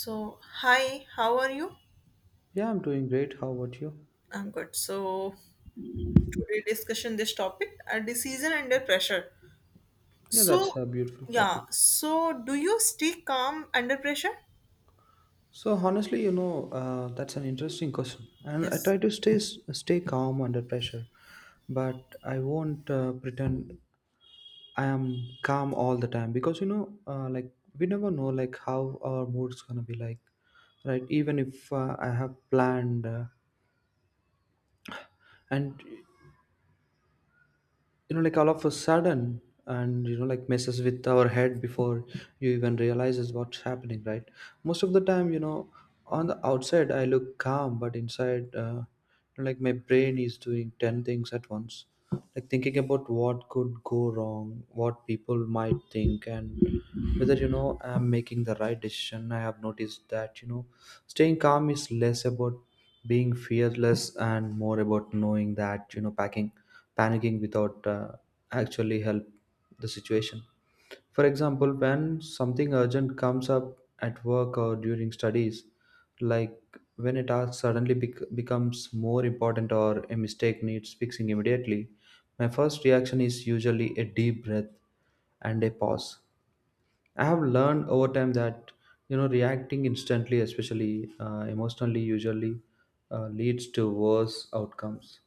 So, hi, how are you? Yeah, I'm doing great. How about you? I'm good. So, today discussion this topic, a decision under pressure. Yeah, So, that's a beautiful yeah, topic. so do you stay calm under pressure? So honestly, that's an interesting question, and I Yes. try to stay calm under pressure, but I won't pretend I am calm all the time because like we never know like how our mood's gonna be like, right? Even if I have planned, and you know like all of a sudden and you know like messes with our head before you even realizes what's happening, right? Most of the time, you know, on the outside I look calm, but inside you know, like my brain is doing 10 things at once, like thinking about what could go wrong, what people might think, and whether you know I'm making the right decision. I have noticed that you know staying calm is less about being fearless and more about knowing that you know packing panicking without actually help the situation. For example, when something urgent comes up at work or during studies, like when a task suddenly becomes more important or a mistake needs fixing immediately, my first reaction is usually a deep breath and a pause. I have learned over time that you know reacting instantly, especially emotionally, usually leads to worse outcomes.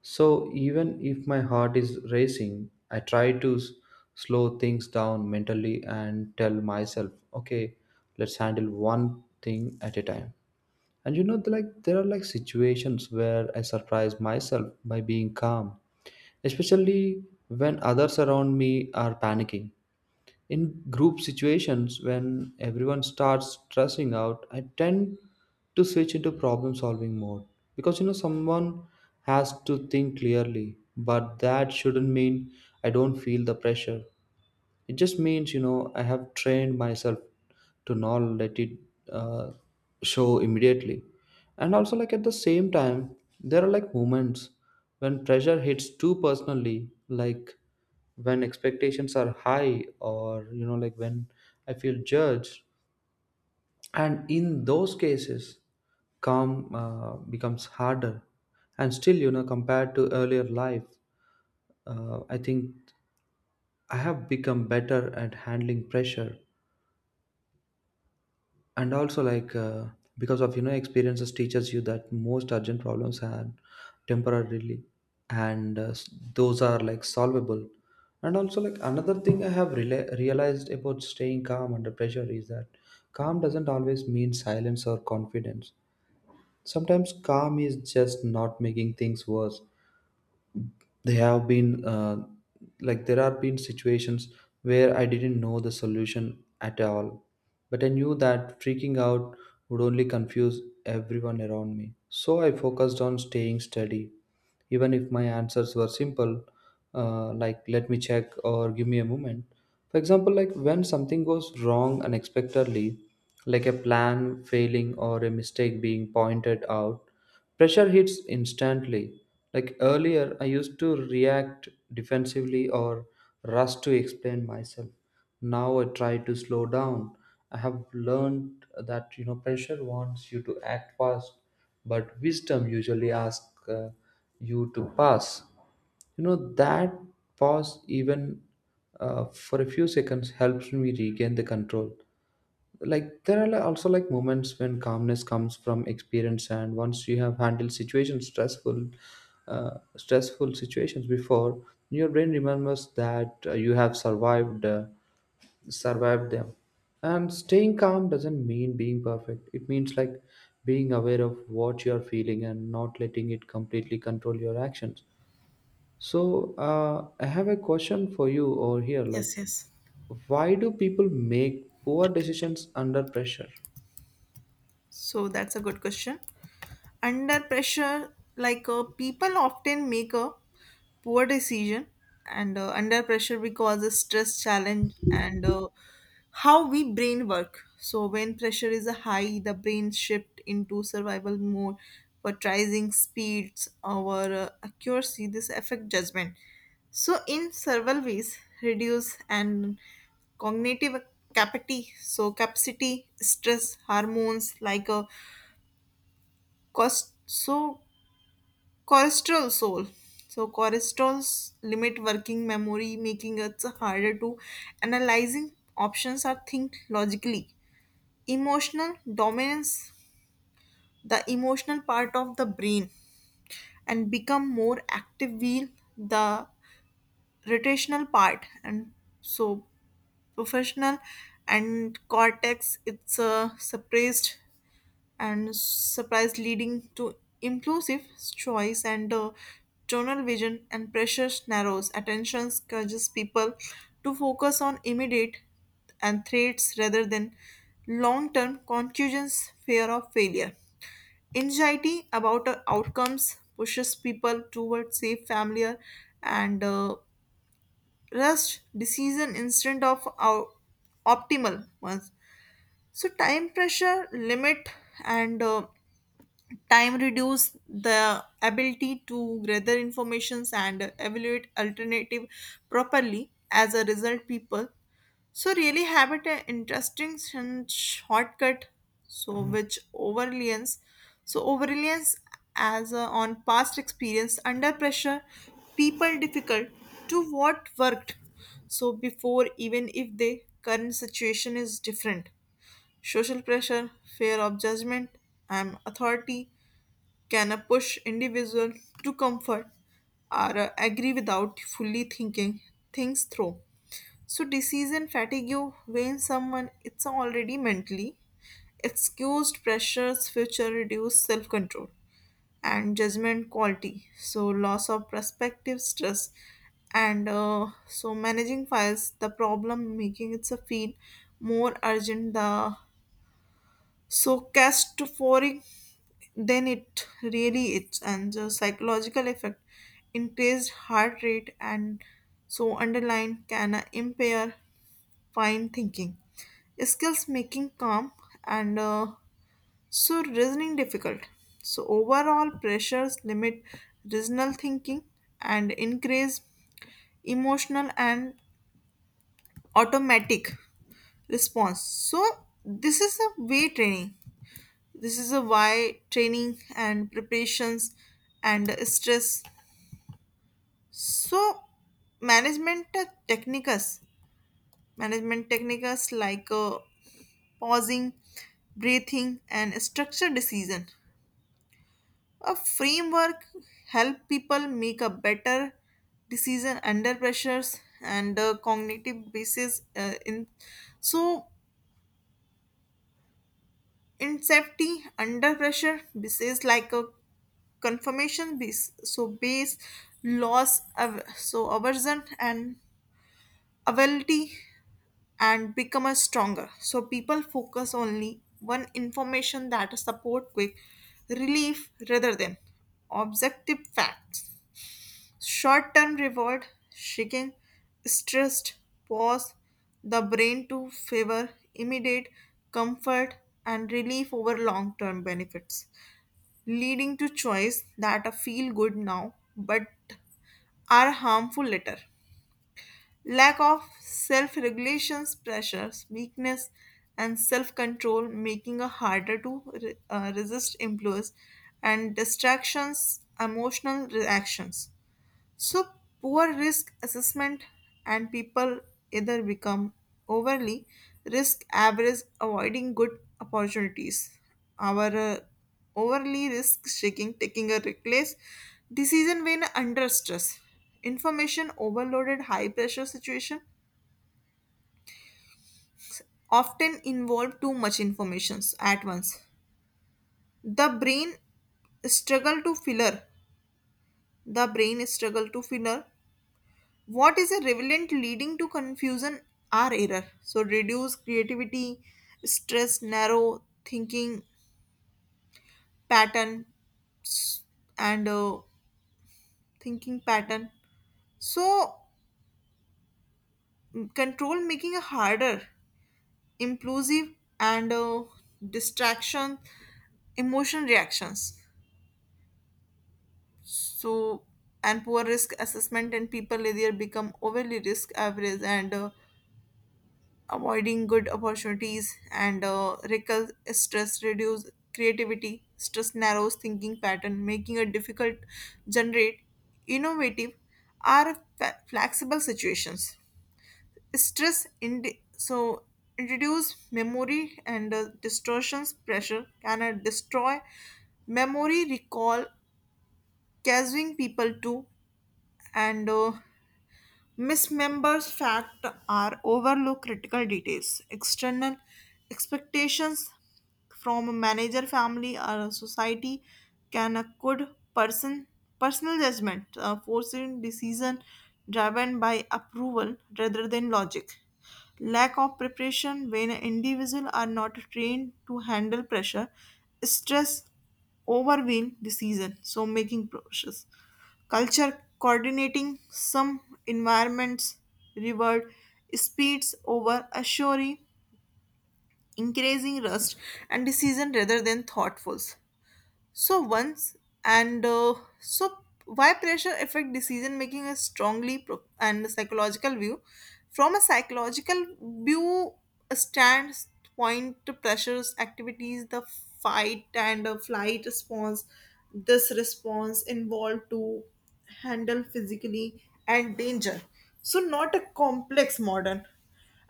So even if my heart is racing, I slow things down mentally and tell myself, okay, let's handle one thing at a time. And you know, like there are like situations where I surprise myself by being calm, especially when others around me are panicking. In group situations, when everyone starts stressing out, I tend to switch into problem solving mode because you know someone has to think clearly, but that shouldn't mean I don't feel the pressure. It just means, you know, I have trained myself to not let it uh, show immediately. And also, like at the same time, there are like moments when pressure hits too personally, like when expectations are high, or, you know, like when I feel judged. And in those cases, calm becomes harder. And still, you know, compared to earlier life, I think I have become better at handling pressure and also like because of you know experiences teaches you that most urgent problems are temporarily and those are like solvable. And also like another thing I have realized about staying calm under pressure is that calm doesn't always mean silence or confidence. Sometimes calm is just not making things worse. They have been Like there have been situations where I didn't know the solution at all, but I knew that freaking out would only confuse everyone around me, so I focused on staying steady, even if my answers were simple, like let me check or give me a moment. For example, like when something goes wrong unexpectedly, like a plan failing or a mistake being pointed out, pressure hits instantly. Like earlier, I used to react defensively or rush to explain myself. Now I try to slow down. I have learned that you know pressure wants you to act fast, but wisdom usually asks you to pass. You know, that pause, even for a few seconds, helps me regain the control. Like, there are also like moments when calmness comes from experience, and once you have handled situations, stressful situations before, your brain remembers that uh, you have survived them. And staying calm doesn't mean being perfect. It means like being aware of what you are feeling and not letting it completely control your actions. So I have a question for you over here. Like, Yes, yes. why do people make poor decisions under pressure? So, that's a good question. Under pressure like people often make a poor decision and under pressure we cause a stress challenge and how we brain work. So when pressure is high the brain shift into survival mode for trying speeds or accuracy, this affect judgment so in several ways reduce and cognitive capacity. So capacity stress hormones like a cost, so cholesterol soul. So cholesterols limit working memory, making it harder to analyzing options or think logically. Emotional dominance, the emotional part of the brain, and become more active wheel, the rotational part, and so professional and cortex. It's suppressed and surprise leading to impulsive choice and tunnel vision, and pressure narrows attention urges people to focus on immediate and threats rather than long-term conclusions. Fear of failure, anxiety about outcomes pushes people towards safe, familiar and rushed decision instead of our optimal ones. So time pressure limit and time reduce the ability to gather informations and evaluate alternative properly. As a result, people so really have it an interesting shortcut. So which overreliance? So overreliance as on past experience under pressure, people difficult to what worked. So before, even if the current situation is different, social pressure, fear of judgment, and authority can push individuals to comfort or agree without fully thinking things through. So decision fatigue when someone it's already mentally excused pressures future reduce self-control and judgment quality. So loss of perspective stress and so managing files the problem making it a feel more urgent, the so catastrophizing. Then it really it's and the psychological effect increased heart rate and so underline can impair fine thinking skills making calm and so reasoning difficult. So overall pressures limit reasonal thinking and increase emotional and automatic response. So this is a way training. This is a why training and preparations and stress. So management techniques, management techniques like pausing, breathing, and structured decision. A framework help people make a better decision under pressures and cognitive basis in so in safety, under pressure, this is like a confirmation base. So base loss, so aversion and ability and become a stronger. So people focus only one information that support quick relief rather than objective facts. Short term reward seeking stressed pause the brain to favor immediate comfort and relief over long term benefits, leading to choice that are feel good now but are harmful later. Lack of self regulations, pressures, weakness, and self control making it harder to resist influence and distractions, emotional reactions. So, poor risk assessment and people either become overly risk averse, avoiding good opportunities. Our overly risk taking, taking a reckless decision when under stress. Information overloaded, high pressure situation often involve too much information at once. The brain struggle to filler. The brain struggle to filler what is a relevant leading to confusion or error. So reduce creativity stress narrow thinking pattern s- and thinking pattern so control making a harder impulsive and distraction emotion reactions. So and poor risk assessment and people either become overly risk average and avoiding good opportunities and recul stress reduce creativity stress narrows thinking pattern making it difficult generate innovative or flexible situations stress in so introduce memory and distortions pressure can destroy memory recall causing people to and mismembers fact are overlook critical details. External expectations from a manager, family, or a society can a good person personal judgment, forcing decision driven by approval rather than logic. Lack of preparation when individuals are not trained to handle pressure, stress, overwhelm decision, so making process. Culture coordinating some environments reward speeds over assuring increasing rust and decision rather than thoughtfuls. So once and so why pressure affect decision making is strongly and psychological view. From a psychological view stands point to pressures activities the fight and flight response. This response involved to handle physically and danger. So not a complex modern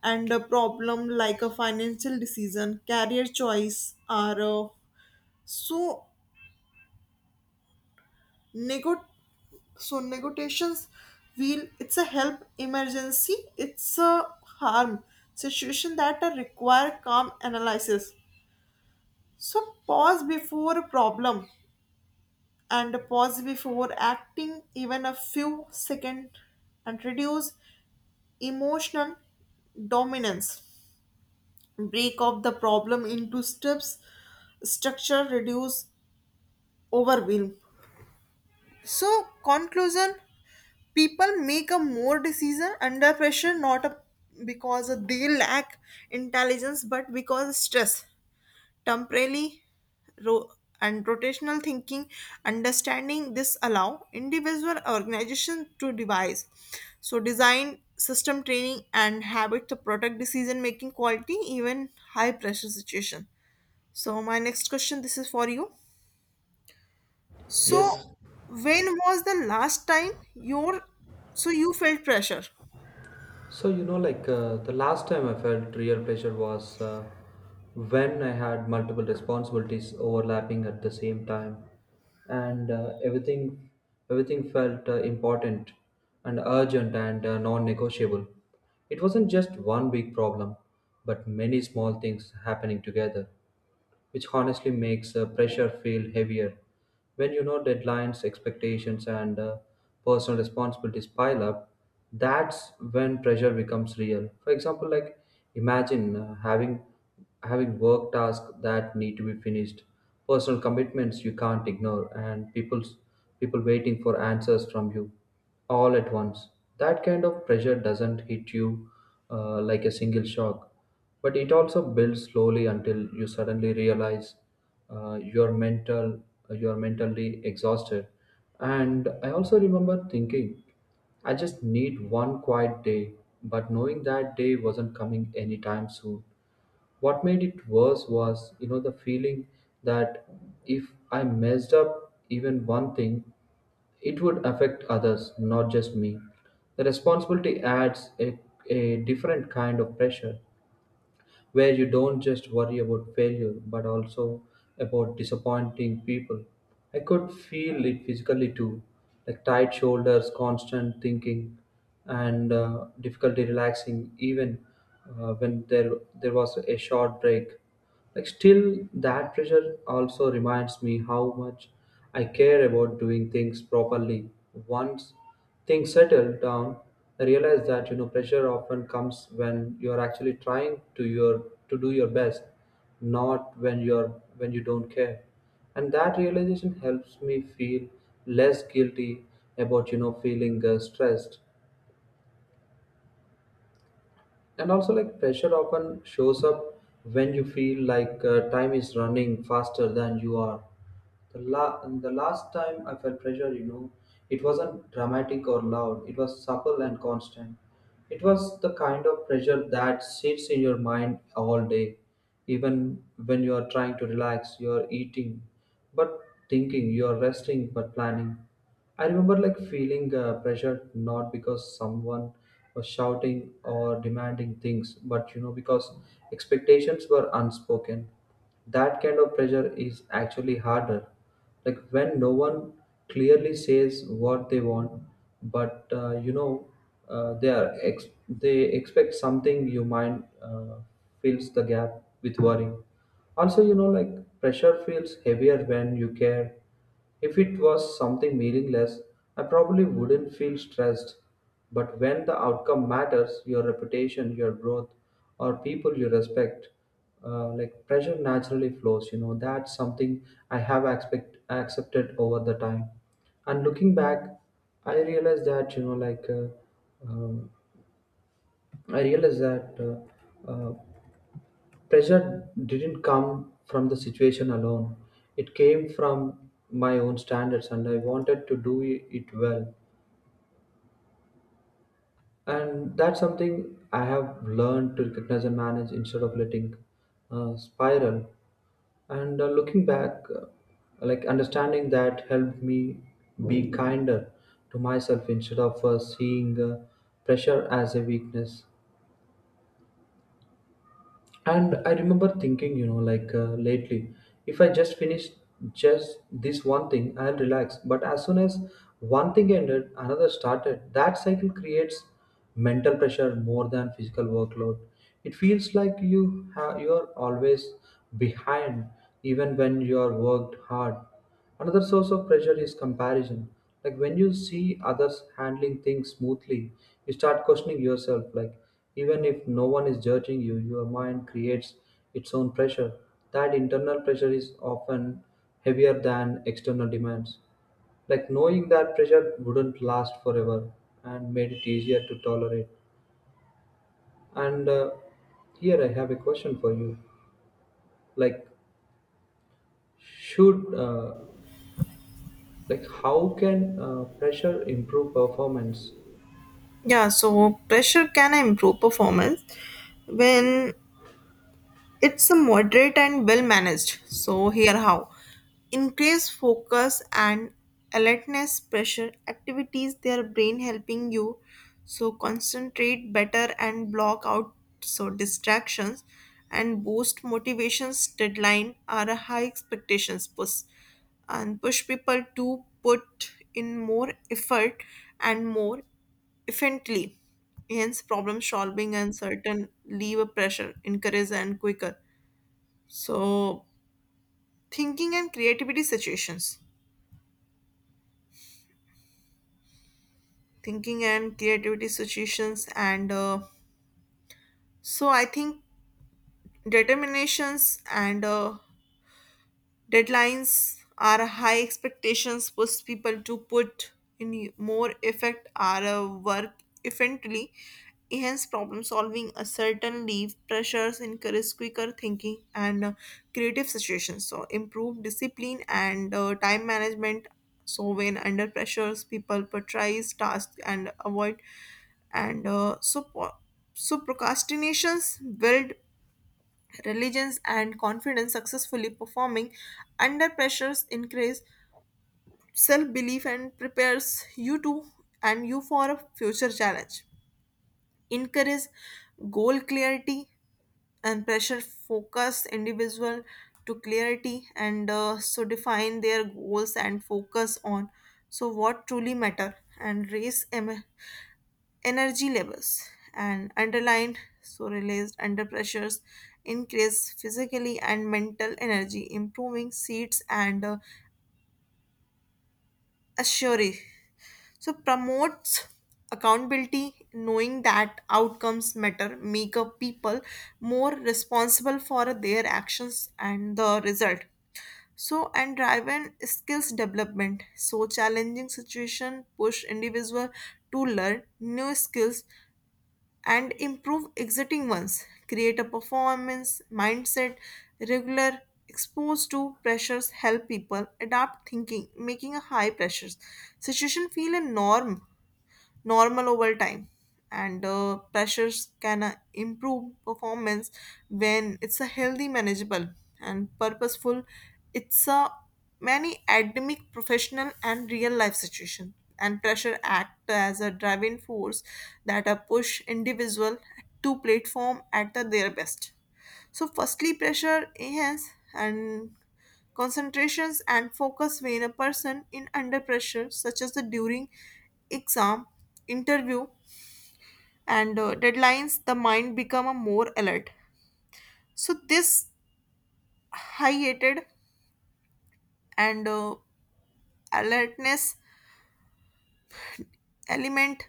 and a problem like a financial decision, career choice are so Nego- so negotiations wheel it's a help emergency it's a harm situation that are require calm analysis. So pause before problem and pause before acting even a few second and reduce emotional dominance, break up the problem into steps, structure reduce overwhelm. So conclusion, people make a more decision under pressure not a, because they lack intelligence but because stress temporarily ro- and rotational thinking. Understanding this allow individual organization to devise so design system training and habit to protect decision making quality even high pressure situation. So my next question, this is for you. So Yes. when was the last time your so you felt pressure? So, you know, like the last time I felt real pressure was when I had multiple responsibilities overlapping at the same time, and uh, everything felt important and urgent and non-negotiable. It wasn't just one big problem, but many small things happening together, which honestly makes pressure feel heavier. When you know deadlines, expectations, and personal responsibilities pile up, that's when pressure becomes real. For example, like imagine uh, having work tasks that need to be finished, personal commitments you can't ignore, and people waiting for answers from you all at once. That kind of pressure doesn't hit you like a single shock, but it also builds slowly until you suddenly realize uh, you're mentally exhausted. And I also remember thinking, I just need one quiet day, but knowing that day wasn't coming anytime soon. What made it worse was you know the feeling that if I messed up even one thing, it would affect others, not just me. The responsibility adds a different kind of pressure where you don't just worry about failure but also about disappointing people. I could feel it physically too, like tight shoulders, constant thinking, and difficulty relaxing even uh, when there was a short break. Like still, that pressure also reminds me how much I care about doing things properly. Once things settle down, I realize that you know pressure often comes when you are actually trying to do your best, not when you don't care. And that realization helps me feel less guilty about you know feeling stressed. And also like pressure often shows up when you feel like time is running faster than you are. The last time I felt pressure, you know, it wasn't dramatic or loud, it was supple and constant. It was the kind of pressure that sits in your mind all day, even when you are trying to relax, you are eating but thinking, you are resting but planning. I remember like feeling pressured not because someone was shouting or demanding things, but you know, because expectations were unspoken. That kind of pressure is actually harder. Like when no one clearly says what they want, but uh, you know, they expect something. Your mind fills the gap with worry. Also, you know, like pressure feels heavier when you care. If it was something meaningless, I probably wouldn't feel stressed. But when the outcome matters, your reputation, your growth, or people you respect, like pressure naturally flows. You know, that's something I have expect, accepted over the time. And looking back, I realized that, you know, like um, I realized that uh, uh, Pressure didn't come from the situation alone. It came from my own standards and I wanted to do it well. And that's something I have learned to recognize and manage instead of letting spiral. And looking back, like understanding that helped me be kinder to myself instead of seeing pressure as a weakness. And I remember thinking you know like lately, if I just finish just this one thing, I'll relax. But as soon as one thing ended, another started. That cycle creates mental pressure more than physical workload. It feels like you are always behind even when you are worked hard. Another source of pressure is comparison. Like when you see others handling things smoothly, you start questioning yourself. Like even if no one is judging you, your mind creates its own pressure. That internal pressure is often heavier than external demands. Like knowing that pressure wouldn't last forever and made it easier to tolerate. And here I have a question for you. Like, should like how can pressure improve performance? Yeah, so pressure can improve performance when it's moderate and well managed. So, here how: increase focus and alertness, pressure activities, their brain helping you so concentrate better and block out so distractions, and boost motivations. Deadline are a high expectations push and push people to put in more effort and more efficiently. Hence, problem solving and certain lever pressure increase and quicker. So, thinking and creativity situations, thinking and creativity situations, and so I think determinations and deadlines are high expectations push people to put in more effect or work efficiently. Hence, problem solving, a certain leave pressures encourage quicker thinking and creative situations. So, improve discipline and time management. So, when under pressures, people prioritize tasks and avoid and so so procrastinations build religions and confidence. Successfully performing under pressures increase self-belief and prepares you to and you for a future challenge, encourage goal clarity and pressure focused individual to clarity and so define their goals and focus on so what truly matter and raise energy levels and underlined, so released under pressures increase physically and mental energy improving seats and assuring so promotes accountability. Knowing that outcomes matter make up people more responsible for their actions and the result. So and driven skills development so challenging situation push individual to learn new skills and improve existing ones. Create a performance mindset, regular exposed to pressures help people adapt thinking, making a high pressures situation feel a norm normal over time and pressures can improve performance when it's a healthy, manageable and purposeful. It's a many academic professional and real life situation and pressure act as a driving force that push individual to platform at the, their best. So, firstly, pressure enhance and concentrations and focus when a person in under pressure, such as the during exam, interview, and deadlines, the mind become a more alert. So, this hiated and alertness element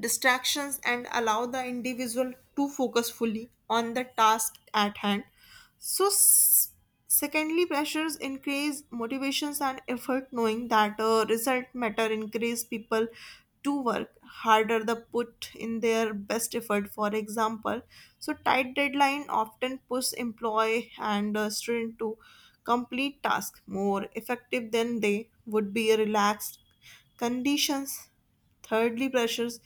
distractions and allow the individual to focus fully on the task at hand. So secondly pressures increase motivations and effort. Knowing that result matter increase people to work harder, the put in their best effort. For example, so tight deadline often push employee and student to complete task more effective than they would be relaxed conditions. Thirdly, pressures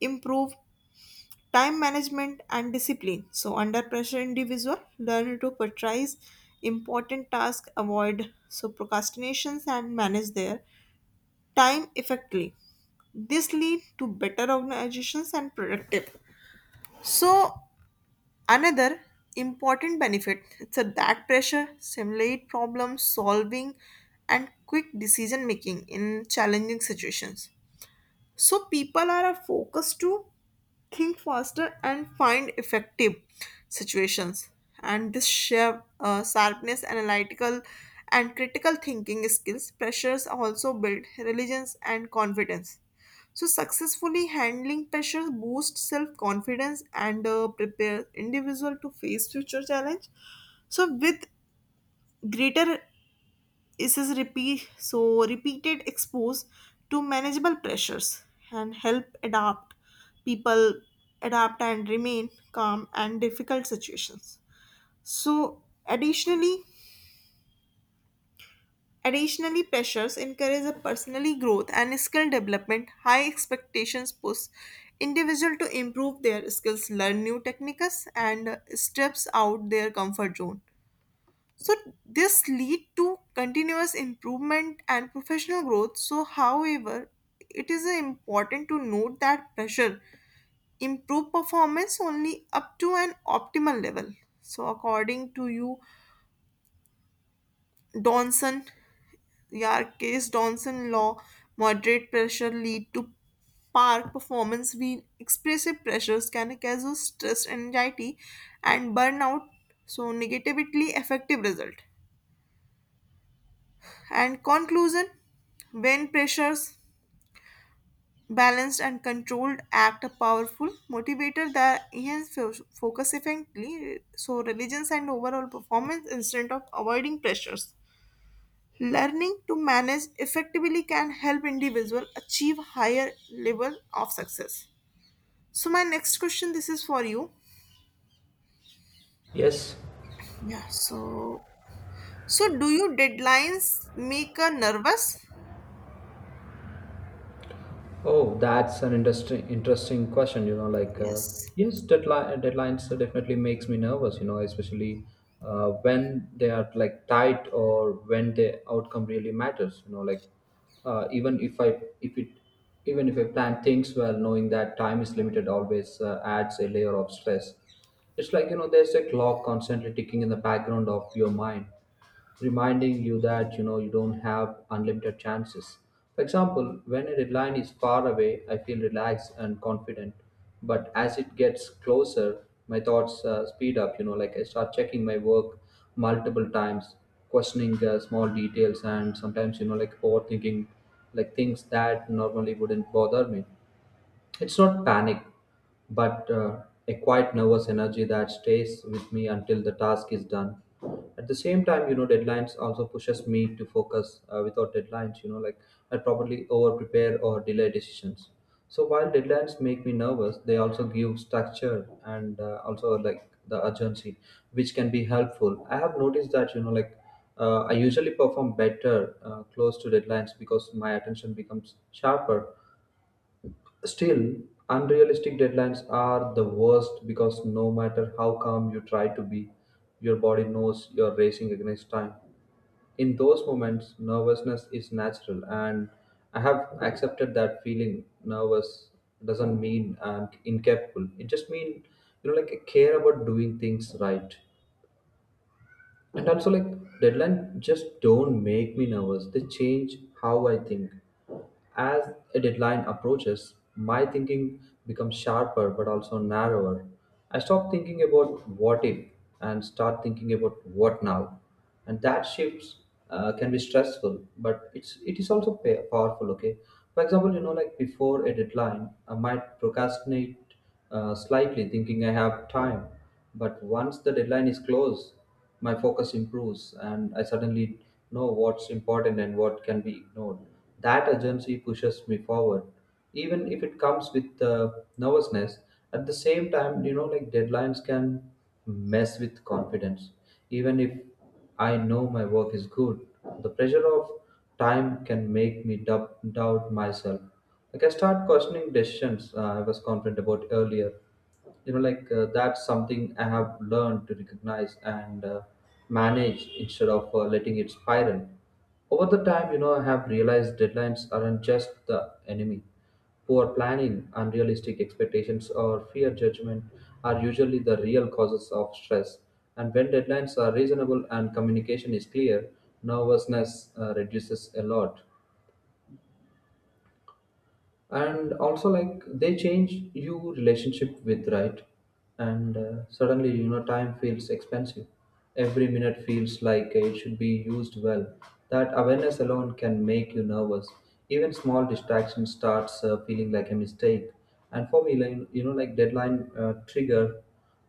improve time management and discipline. So, under pressure, individual learn to prioritize important tasks, avoid so procrastinations, and manage their time effectively. This lead to better organizations and productive. So, another important benefit it's a that pressure simulate problem solving and quick decision making in challenging situations. So people are focused to think faster and find effective situations, and this sharpness analytical and critical thinking skills. Pressures also build religions and confidence, so successfully handling pressure boosts self-confidence and prepare individual to face future challenge. So with greater, this is repeat, so repeated expose to manageable pressures and help adapt people adapt and remain calm and difficult situations. So additionally, additionally pressures encourage a personally growth and skill development. High expectations push individual to improve their skills, learn new techniques and steps out their comfort zone. So this lead to continuous improvement and professional growth. So however, it is important to note that pressure improve performance only up to an optimal level. So according to you donson, your case donson law, moderate pressure lead to park performance, we expressive pressures can cause stress, anxiety and burnout, so negatively affective result. And conclusion, when pressures balanced and controlled act a powerful motivator that enhance focus effectively so religions and overall performance. Instead of avoiding pressures, learning to manage effectively can help individual achieve higher level of success. So my next question, this is for you. Yes. Yeah, so so do you deadlines make her nervous? Oh, that's an interesting question. You know, like Yes. yes, deadlines definitely makes me nervous. You know, especially when they are like tight or when the outcome really matters. You know, like uh, even if I plan things well, knowing that time is limited always adds a layer of stress. It's like you know, there's a clock constantly ticking in the background of your mind reminding you that you know you don't have unlimited chances. For example, when a deadline is far away, I feel relaxed and confident. But as it gets closer, my thoughts speed up. You know, like I start checking my work multiple times, questioning small details, and sometimes you know like overthinking like things that normally wouldn't bother me. It's not panic, but a quiet nervous energy that stays with me until the task is done. At the same time, you know, deadlines also pushes me to focus. Without deadlines, you know, like I probably over prepare or delay decisions. So while deadlines make me nervous, they also give structure and also like the urgency, which can be helpful. I have noticed that, you know, like I usually perform better close to deadlines because my attention becomes sharper. Still, unrealistic deadlines are the worst because no matter how calm you try to be, your body knows you're racing against time. In those moments, nervousness is natural, and I have accepted that feeling nervous doesn't mean I'm incapable. It just means, you know, like I care about doing things right. And also like deadline just don't make me nervous, they change how I think. As a deadline approaches, my thinking becomes sharper but also narrower. I stop thinking about what if and start thinking about what now, and that shifts can be stressful, but it is also powerful. Okay, for example, you know, like before a deadline I might procrastinate slightly, thinking I have time. But once the deadline is close, my focus improves and I suddenly know what's important and what can be ignored. That urgency pushes me forward, even if it comes with nervousness. At the same time, you know, like deadlines can mess with confidence. Even if I know my work is good, the pressure of time can make me doubt myself. Like I start questioning decisions I was confident about earlier. You know, like that's something I have learned to recognize and manage instead of letting it spiral. Over the time, you know, I have realized deadlines aren't just the enemy. Poor planning, unrealistic expectations, or fear judgment are usually the real causes of stress. And when deadlines are reasonable and communication is clear, nervousness reduces a lot. And also like they change you relationship with, right? And suddenly, you know, time feels expensive. Every minute feels like it should be used well. That awareness alone can make you nervous. Even small distraction starts feeling like a mistake. And for me, like, you know, like deadline trigger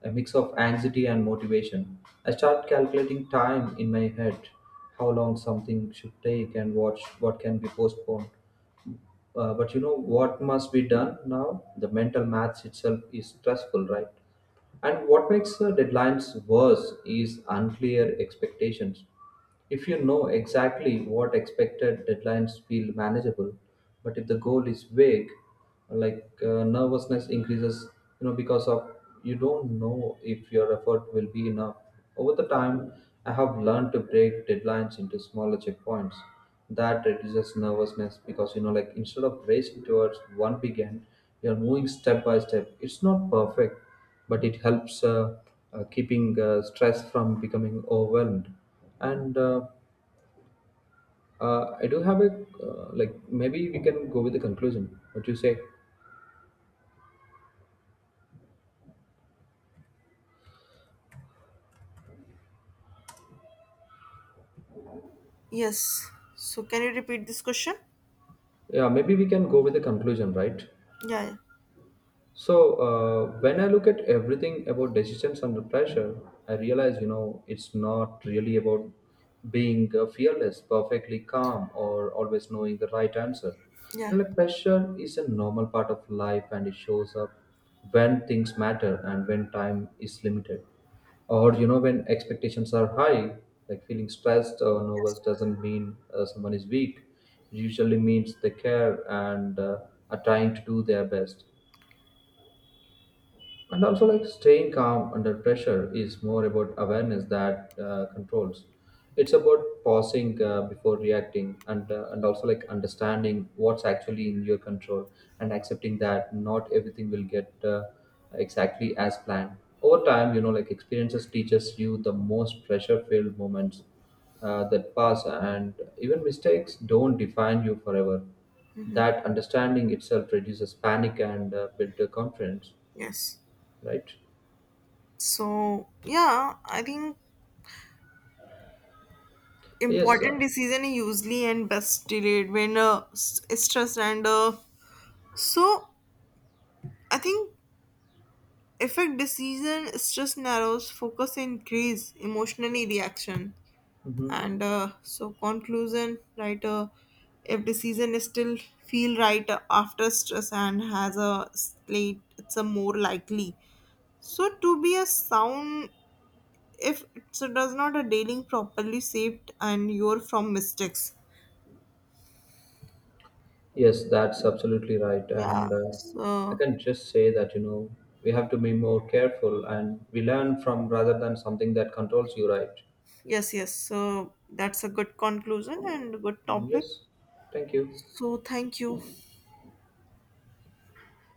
a mix of anxiety and motivation. I start calculating time in my head, how long something should take and what can be postponed, but you know what must be done now? The mental maths itself is stressful, right? And what makes deadlines worse is unclear expectations. If you know exactly what expected, deadlines feel manageable, but if the goal is vague, like nervousness increases, you know, because of you don't know if your effort will be enough. Over the time, I have learned to break deadlines into smaller checkpoints. That reduces nervousness because, you know, like instead of racing towards one big end, you're moving step by step. It's not perfect, but it helps keeping stress from becoming overwhelmed. And I do have a like maybe we can go with the conclusion what you say. Yes, so can you repeat this question? Yeah, maybe we can go with the conclusion, right? Yeah, yeah. So when I look at everything about decisions under pressure, I realize, you know, it's not really about being fearless, perfectly calm, or always knowing the right answer. You Yeah. know, like pressure is a normal part of life, and it shows up when things matter and when time is limited, or you know when expectations are high. Like feeling stressed or nervous Yes. doesn't mean someone is weak. It usually means they care and are trying to do their best. And also like staying calm under pressure is more about awareness that controls. It's about pausing before reacting and also like understanding what's actually in your control and accepting that not everything will get exactly as planned. Over time, you know, like experiences teaches you the most pressure filled moments that pass, and even mistakes don't define you forever. That understanding itself reduces panic and builds confidence, Yes. right? So yeah, I think Yes, important decision is usually and best delayed when stress and so I think effect decision stress narrows focus increase emotionally reaction mhm. and so conclusion, right? If decision is still feel right after stress and has a slate it's a more likely so to be a sound. If so does not a dealing properly saved and you're from mistakes. Yes, that's absolutely right. Yeah And I so. can just say that, you know, we have to be more careful and we learn from rather than something that controls you, right? Yes, yes, so that's a good conclusion and good Mm, topic. yes, thank you. So thank you.